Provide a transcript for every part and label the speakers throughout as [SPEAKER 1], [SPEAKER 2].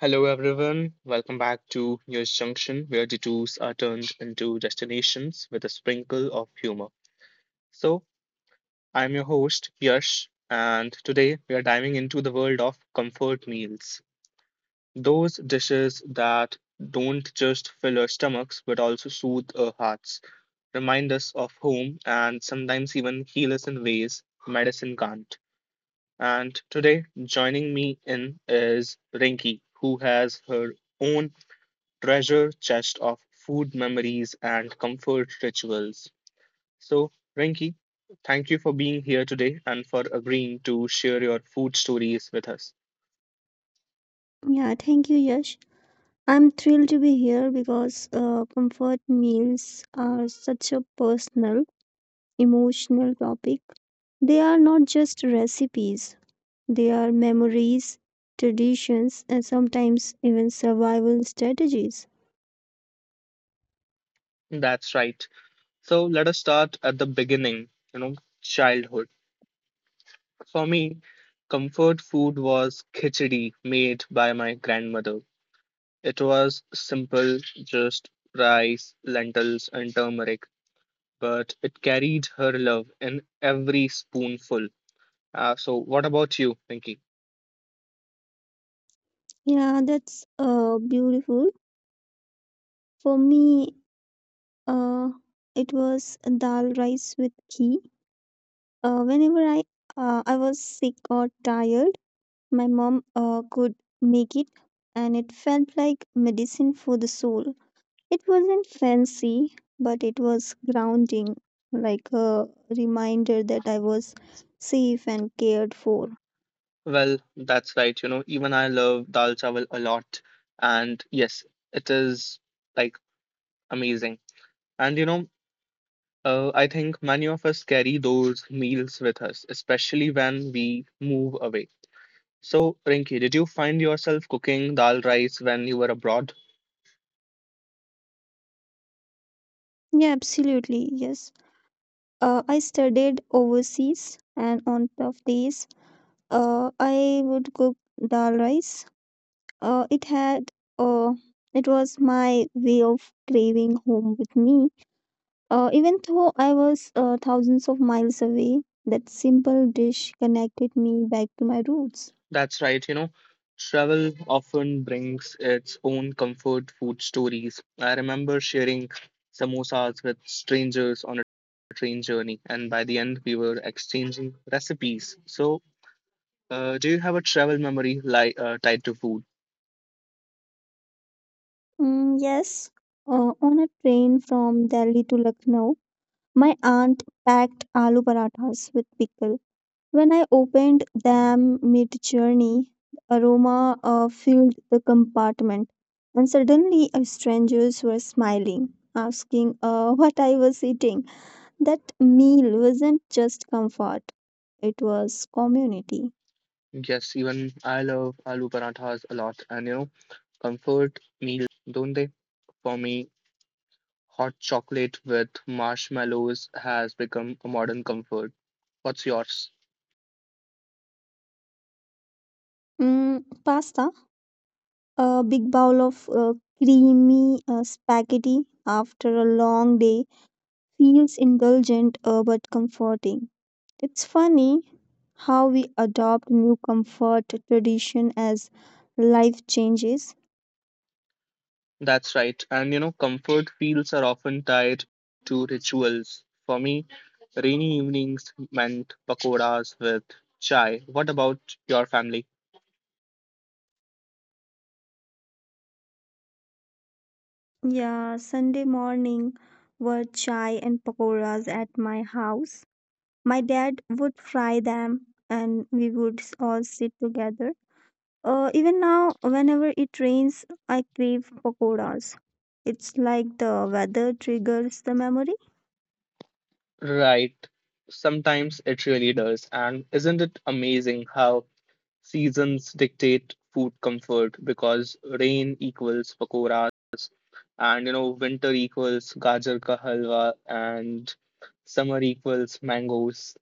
[SPEAKER 1] Hello, everyone. Welcome back to News Junction, where detours are turned into destinations with a sprinkle of humor. So, I'm your host, Yash, and today we are diving into the world of comfort meals, those dishes that don't just fill our stomachs but also soothe our hearts, remind us of home, and sometimes even heal us in ways medicine can't. And today, joining me in is Rinki, who has her own treasure chest of food memories and comfort rituals. So, Rinki, thank you for being here today and for agreeing to share your food stories with us.
[SPEAKER 2] Yeah, thank you, Yash. I'm thrilled to be here because comfort meals are such a personal, emotional topic. They are not just recipes, they are memories, traditions, and sometimes even survival strategies.
[SPEAKER 1] That's right. So, let us start at the beginning, you know, childhood. For me, comfort food was khichdi made by my grandmother. It was simple, just rice, lentils, and turmeric, but it carried her love in every spoonful. So what about you, Pinky?
[SPEAKER 2] Yeah, that's beautiful. For me, uh, it was dal rice with ghee. Whenever I was sick or tired, my mom could make it, and it felt like medicine for the soul. It wasn't fancy, but it was grounding, like a reminder that I was safe and cared for.
[SPEAKER 1] Well, that's right. You know, even I love dal chawal a lot, and yes, it is like amazing. And you know, I think many of us carry those meals with us, especially when we move away. So, Rinki, did you find yourself cooking dal rice when you were abroad?
[SPEAKER 2] Yeah, absolutely. Yes. I studied overseas, and on tough days, I would cook dal rice. Uh, it had, uh, it was my way of craving home with me. Even though I was thousands of miles away, that simple dish connected me back to my roots.
[SPEAKER 1] That's right, you know, travel often brings its own comfort food stories. I remember sharing samosas with strangers on a train journey, and by the end, we were exchanging recipes. So, do you have a travel memory li tied to food?
[SPEAKER 2] Mm, yes, on a train from Delhi to Lucknow, my aunt packed aloo parathas with pickle. When I opened them mid journey, the aroma filled the compartment, and suddenly strangers were smiling, asking what I was eating. That meal wasn't just comfort, it was community.
[SPEAKER 1] Yes, even I love aloo parathas a lot, and you know, comfort meals evolve, don't they? For me, hot chocolate with marshmallows has become a modern comfort. What's yours?
[SPEAKER 2] Mm, pasta, a big bowl of creamy spaghetti after a long day, feels indulgent but comforting. It's funny how we adopt new comfort tradition as life changes.
[SPEAKER 1] That's right. And you know, comfort feels are often tied to rituals. For me, rainy evenings meant pakoras with chai. What about your family?
[SPEAKER 2] Yeah, Sunday morning were chai and pakoras at my house. My dad would fry them and we would all sit together. Even now, whenever it rains, I crave pakoras. It's like the weather triggers the memory.
[SPEAKER 1] Right. Sometimes it really does. And isn't it amazing how seasons dictate food comfort, because rain equals pakoras, and you know, winter equals gajar ka halwa, and summer equals mangoes.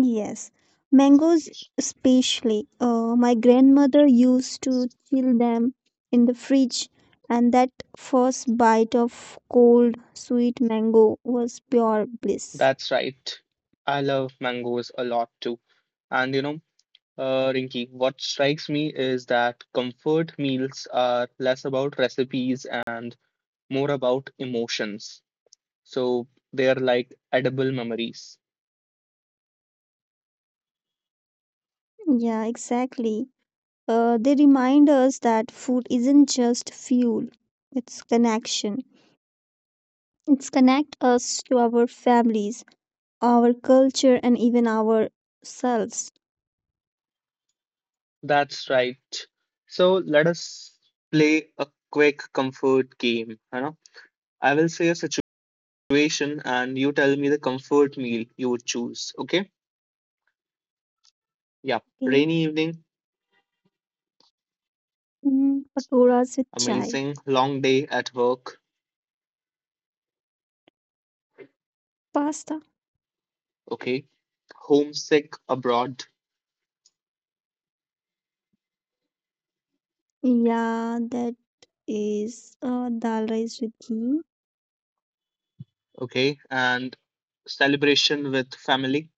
[SPEAKER 2] Yes, mangoes especially. My grandmother used to chill them in the fridge, and that first bite of cold, sweet mango was pure bliss.
[SPEAKER 1] That's right. I love mangoes a lot too. And you know, Rinky, what strikes me is that comfort meals are less about recipes and more about emotions. So they're like edible memories.
[SPEAKER 2] Yeah, exactly. They remind us that food isn't just fuel, it's connection. It's connect us to our families, our culture, and even ourselves.
[SPEAKER 1] That's right. So let us play a quick comfort game. You know, I will say a situation and you tell me the comfort meal you would choose. Okay? Yeah.
[SPEAKER 2] Okay.
[SPEAKER 1] Rainy evening,
[SPEAKER 2] Mm, pakoras with chai.
[SPEAKER 1] amazing, long day at work,
[SPEAKER 2] Pasta.
[SPEAKER 1] okay, homesick abroad,
[SPEAKER 2] Yeah, that is dal rice with ghee.
[SPEAKER 1] okay, and celebration with family,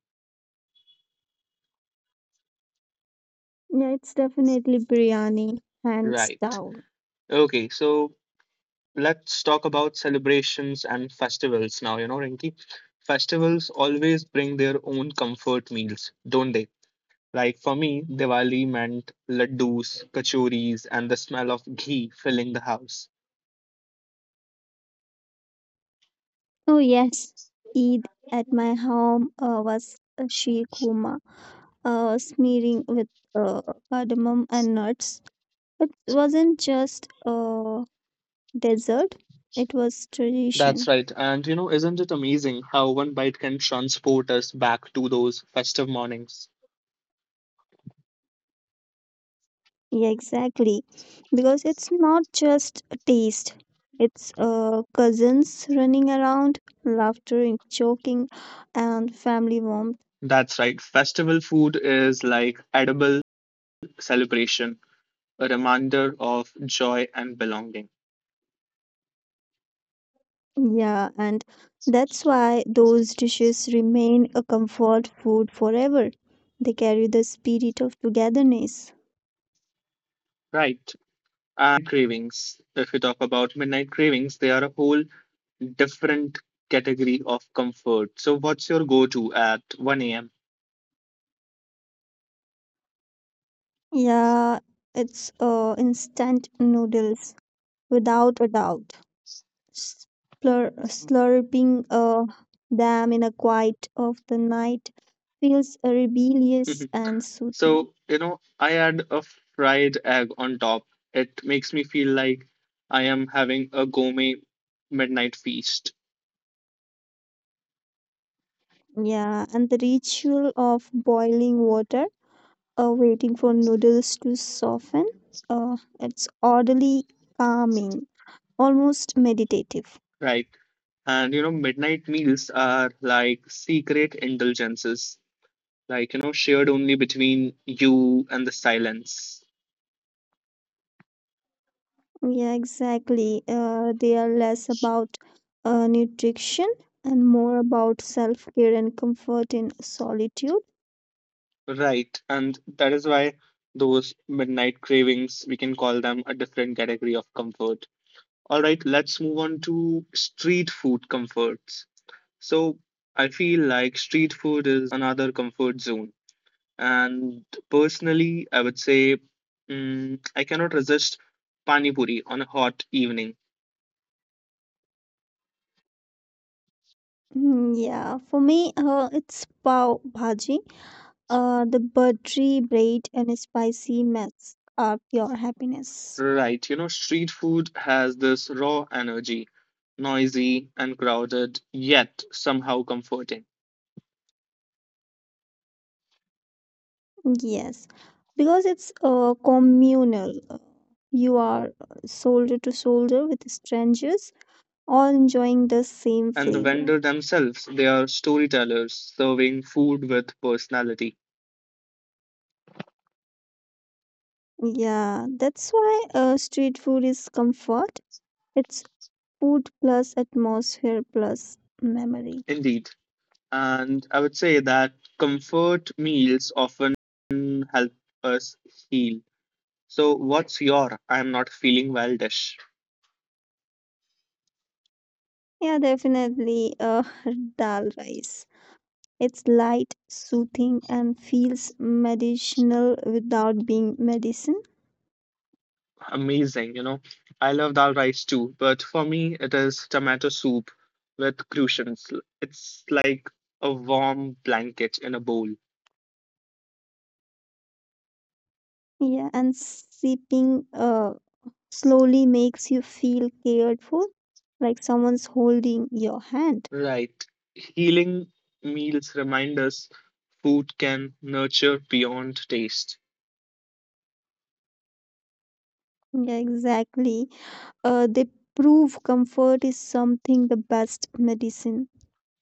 [SPEAKER 2] Yeah, it's definitely biryani, hands
[SPEAKER 1] right?
[SPEAKER 2] down.
[SPEAKER 1] Okay, so let's talk about celebrations and festivals now, you know, Rinki. Festivals always bring their own comfort meals, don't they? Like for me, Diwali meant laddus, kachoris, and the smell of ghee filling the house.
[SPEAKER 2] Oh yes, Eid at my home was a sheer kurma, smearing with uh, cardamom and nuts. It wasn't just a dessert, it was
[SPEAKER 1] That's
[SPEAKER 2] tradition.
[SPEAKER 1] right. And you know, isn't it amazing how one bite can transport us back to those festive mornings?
[SPEAKER 2] Yeah, exactly. Because it's not just a taste, it's cousins running around, laughter and joking, and family warmth.
[SPEAKER 1] That's right. Festival food is like edible celebration, a reminder of joy and belonging.
[SPEAKER 2] Yeah, and that's why those dishes remain a comfort food forever. They carry the spirit of togetherness.
[SPEAKER 1] Right. And you know, midnight cravings. If you talk about midnight cravings, they are a whole different category of comfort. So, what's your go-to at 1 a.m.?
[SPEAKER 2] Yeah, it's instant noodles without a doubt. Slurping them in a quiet of the night feels rebellious and soothing.
[SPEAKER 1] So, you know, I add a fried egg on top. It makes me feel like I am having a gourmet midnight feast.
[SPEAKER 2] Yeah, and the ritual of boiling water, waiting for noodles to soften, it's orderly, calming, almost meditative.
[SPEAKER 1] Right. And you know, midnight meals are like secret indulgences, like, you know, shared only between you and the silence.
[SPEAKER 2] Yeah, exactly. They are less about nutrition and more about self care and comfort in solitude.
[SPEAKER 1] Right. And that is why those midnight cravings, we can call them a different category of comfort. All right, let's move on to street food comforts. So I feel like street food is another comfort zone. And personally, I would say, I cannot resist pani puri on a hot evening.
[SPEAKER 2] Mm, yeah, for me, it's pav bhaji. The buttery bread and spicy mess are pure happiness.
[SPEAKER 1] Right, you know, street food has this raw energy, noisy and crowded, yet somehow comforting.
[SPEAKER 2] Yes, because it's communal. You are shoulder to shoulder with strangers, all enjoying the same
[SPEAKER 1] And the
[SPEAKER 2] flavor.
[SPEAKER 1] vendor themselves, they are storytellers serving food with personality.
[SPEAKER 2] Yeah, that's why street food is comfort. It's food plus atmosphere plus memory.
[SPEAKER 1] Indeed. And I would say that comfort meals often help us heal. So, what's your I'm not feeling well dish?
[SPEAKER 2] Yeah, definitely dal rice. It's light, soothing, and feels medicinal without being medicine.
[SPEAKER 1] Amazing, you know. I love dal rice too, but for me it is tomato soup with crucians. It's like a warm blanket in a bowl.
[SPEAKER 2] Yeah, and sipping slowly makes you feel cared for, like someone's holding your hand.
[SPEAKER 1] Right. Healing meals remind us food can nurture beyond taste.
[SPEAKER 2] Yeah, exactly. They prove comfort is something the best medicine.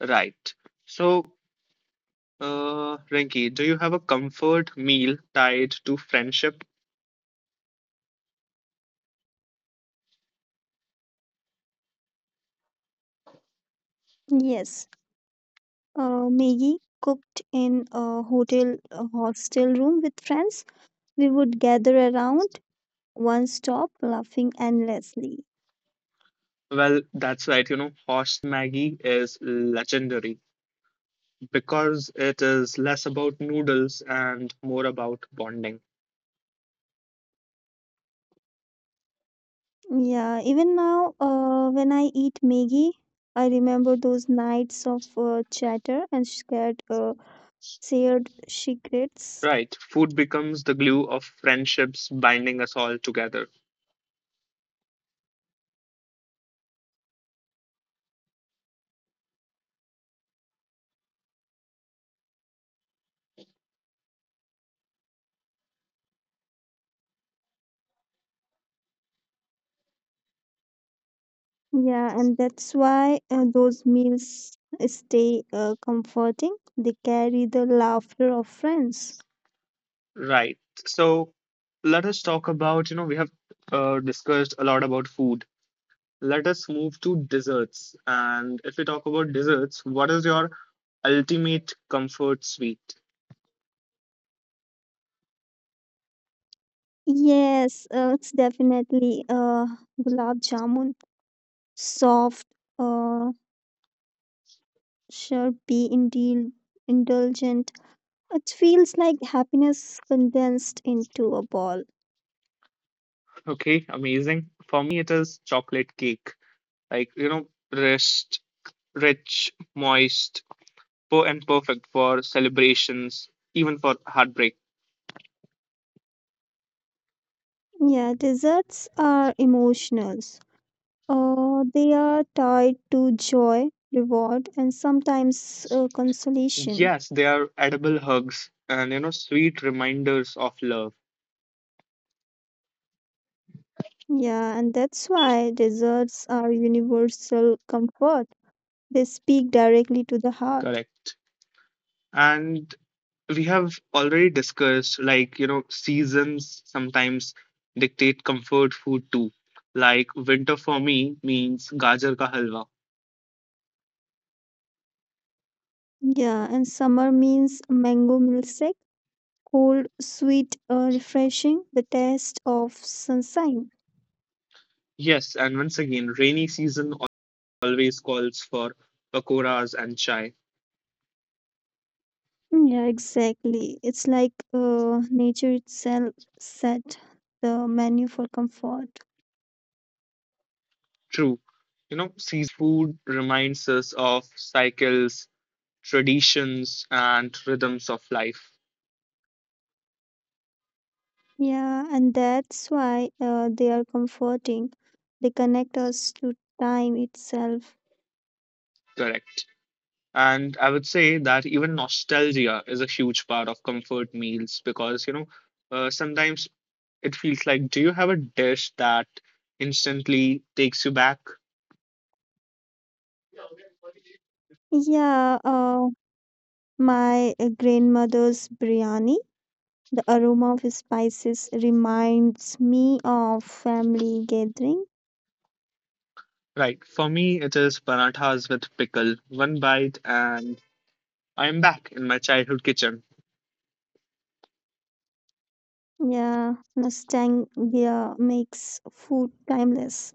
[SPEAKER 1] Right. So, Rinki, do you have a comfort meal tied to friendship?
[SPEAKER 2] Yes, Maggie cooked in a hotel a hostel room with friends. We would gather around one stop, laughing endlessly.
[SPEAKER 1] Well, that's right. You know, hostel Maggie is legendary, because it is less about noodles and more about bonding.
[SPEAKER 2] Yeah, even now, when I eat Maggie, I remember those nights of chatter and shared secrets.
[SPEAKER 1] Right. Food becomes the glue of friendships, binding us all together.
[SPEAKER 2] Yeah, and that's why those meals stay comforting. They carry the laughter of friends.
[SPEAKER 1] Right. So let us talk about, you know, we have discussed a lot about food. Let us move to desserts. And if we talk about desserts, what is your ultimate comfort sweet?
[SPEAKER 2] Yes, it's definitely gulab jamun, soft, uh, syrupy, indulgent. It feels like happiness condensed into a ball.
[SPEAKER 1] Okay, amazing. For me, it is chocolate cake. Like, you know, rest, rich, moist, and perfect for celebrations, even for heartbreak.
[SPEAKER 2] Yeah, desserts are emotionals. They are tied to joy, reward, and sometimes consolation.
[SPEAKER 1] Yes, they are edible hugs, and you know, sweet reminders of love.
[SPEAKER 2] Yeah, and that's why desserts are universal comfort. They speak directly to the heart.
[SPEAKER 1] Correct. And we have already discussed, like, you know, seasons sometimes dictate comfort food too. Like winter for me means gajar ka halwa.
[SPEAKER 2] Yeah, and summer means mango milkshake, cold, sweet, refreshing, the taste of sunshine.
[SPEAKER 1] Yes, and once again, rainy season always calls for pakoras and chai.
[SPEAKER 2] Mm, yeah, exactly. It's like nature itself set the menu for comfort.
[SPEAKER 1] True. You know, seasonal food reminds us of cycles, traditions, and rhythms of life.
[SPEAKER 2] Yeah, and that's why they are comforting. They connect us to time itself.
[SPEAKER 1] Correct. And I would say that even nostalgia is a huge part of comfort meals, because, you know, sometimes it feels like, do you have a dish that instantly takes you back?
[SPEAKER 2] Yeah, my grandmother's biryani. The aroma of spices reminds me of family gathering.
[SPEAKER 1] Right. For me, it is parathas with pickle. One bite, and I am back in my childhood kitchen.
[SPEAKER 2] Yeah, nostalgia makes food timeless.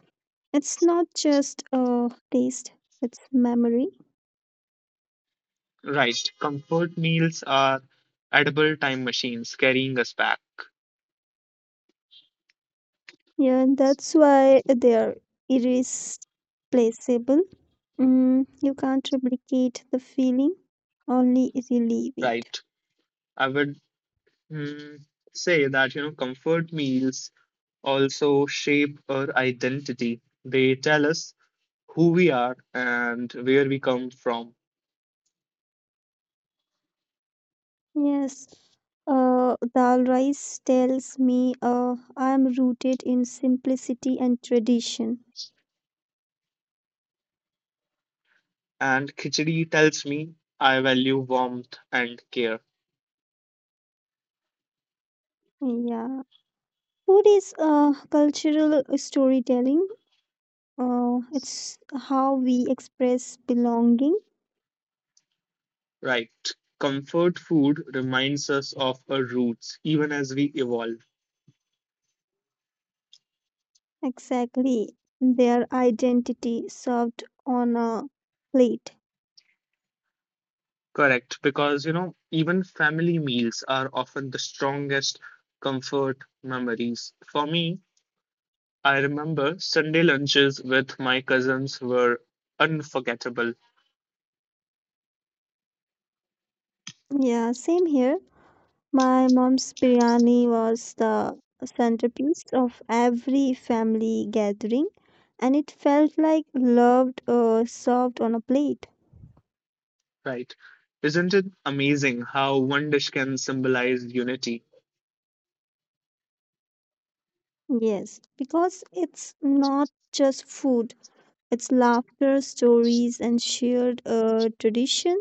[SPEAKER 2] It's not just a taste, it's memory.
[SPEAKER 1] Right. Comfort meals are edible time machines, carrying us back.
[SPEAKER 2] Yeah, and that's why they're irreplaceable. Mm, you can't replicate the feeling, only relive it.
[SPEAKER 1] Right. I would mm, say that, you know, comfort meals also shape our identity. They tell us who we are and where we come from,
[SPEAKER 2] Yes, dal rice tells me I am rooted in simplicity and tradition.
[SPEAKER 1] and khichdi tells me I value warmth and care.
[SPEAKER 2] Yeah, food is cultural storytelling. It's how we express belonging.
[SPEAKER 1] Right. Comfort food reminds us of our roots even as we evolve.
[SPEAKER 2] Exactly, their identity served on a plate.
[SPEAKER 1] Correct. Because, you know, even family meals are often the strongest comfort memories. For me, I remember Sunday lunches with my cousins were unforgettable,
[SPEAKER 2] Yeah, same here. My mom's biryani was the centerpiece of every family gathering, and it felt like loved served on a plate.
[SPEAKER 1] right? Isn't it amazing how one dish can symbolize unity?
[SPEAKER 2] Yes, because it's not just food, it's laughter, stories, and shared tradition.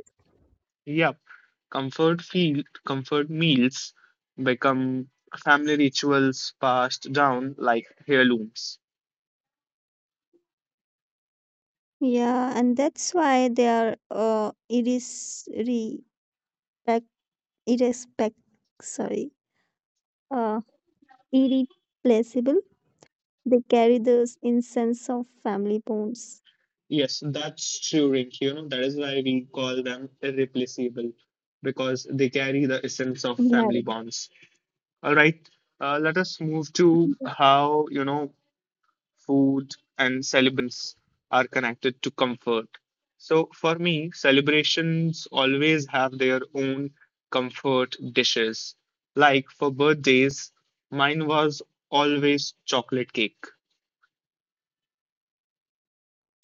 [SPEAKER 1] Yep, comfort meals become family rituals, passed down like heirlooms.
[SPEAKER 2] Yeah, and that's why they are iris, respect, irrespect, sorry, uh, irreplaceable. They carry this in sense of family bonds.
[SPEAKER 1] Yes, that's true, Rinky. You know, that is why we call them irreplaceable, because they carry the essence of
[SPEAKER 2] Yeah.
[SPEAKER 1] family bonds. All right, let us move to
[SPEAKER 2] Mhm.
[SPEAKER 1] how, you know, food and celebrations are connected to comfort. So, for me, celebrations always have their own comfort dishes. Like for birthdays, mine was always chocolate cake.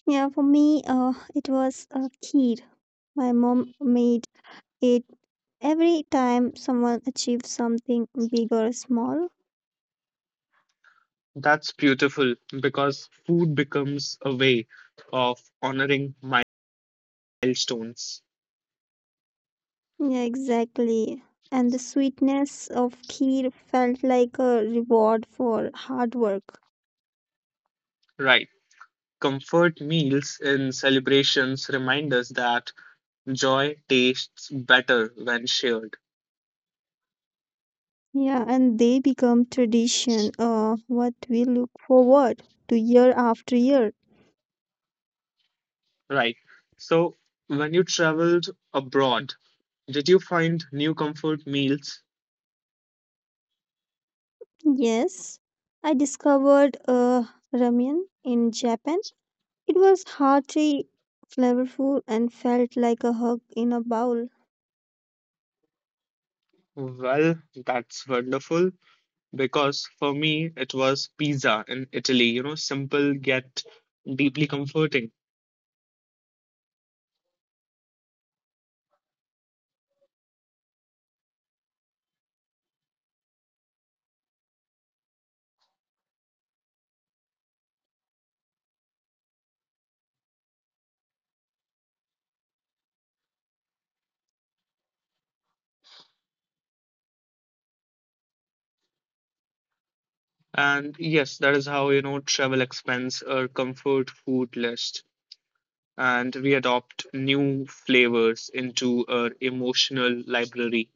[SPEAKER 2] Yeah, for me, it was a kheer. My mom made it every time someone achieved something big or small.
[SPEAKER 1] That's beautiful, because food becomes a way of honoring milestones.
[SPEAKER 2] Yeah, exactly. And the sweetness of kheer felt like a reward for hard work.
[SPEAKER 1] Right. Comfort meals in celebrations remind us that joy tastes better when shared.
[SPEAKER 2] Yeah, and they become tradition, what we look forward to year after year.
[SPEAKER 1] Right. So, when you traveled abroad, did you find new comfort meals?
[SPEAKER 2] Yes, I discovered ramen in Japan. It was hearty, flavorful, and felt like a hug in a bowl.
[SPEAKER 1] Well, that's wonderful, because for me it was pizza in Italy, you know, simple yet deeply comforting. And yes, that is how, you know, travel expands our comfort food list. And we adopt new flavors into our emotional library.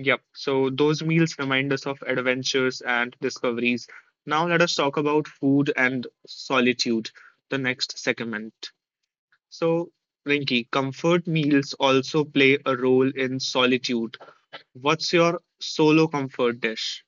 [SPEAKER 1] Yep. So those meals remind us of adventures and discoveries. Now let us talk about food and solitude, the next segment. So, Rinki, comfort meals also play a role in solitude. What's your solo comfort dish?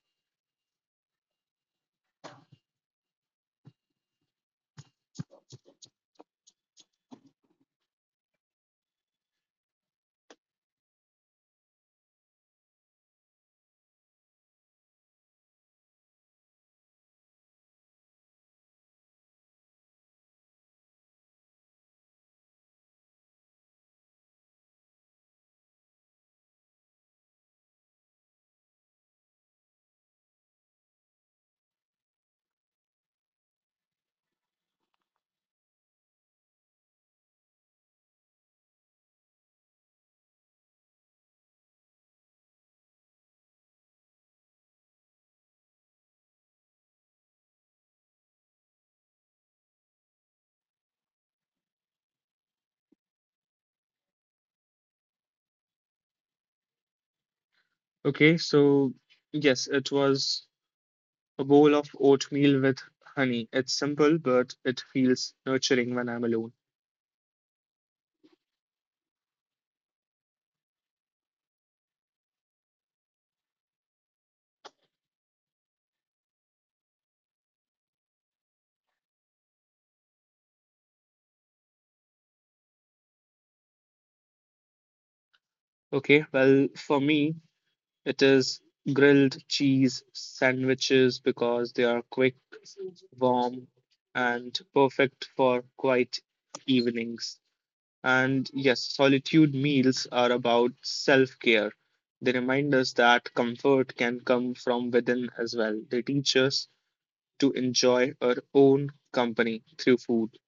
[SPEAKER 1] Okay, so yes, it was a bowl of oatmeal with honey. It's simple, but it feels nurturing when I'm alone. Okay, well, for me, it is grilled cheese sandwiches, because they are quick, warm, and perfect for quiet evenings. And yes, solitude meals are about self care. They remind us that comfort can come from within as well. They teach us to enjoy our own company through food.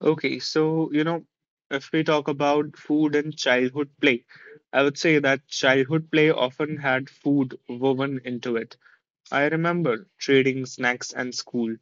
[SPEAKER 1] Okay, so you know, if we talk about food and childhood play, I would say that childhood play often had food woven into it. I remember trading snacks and school,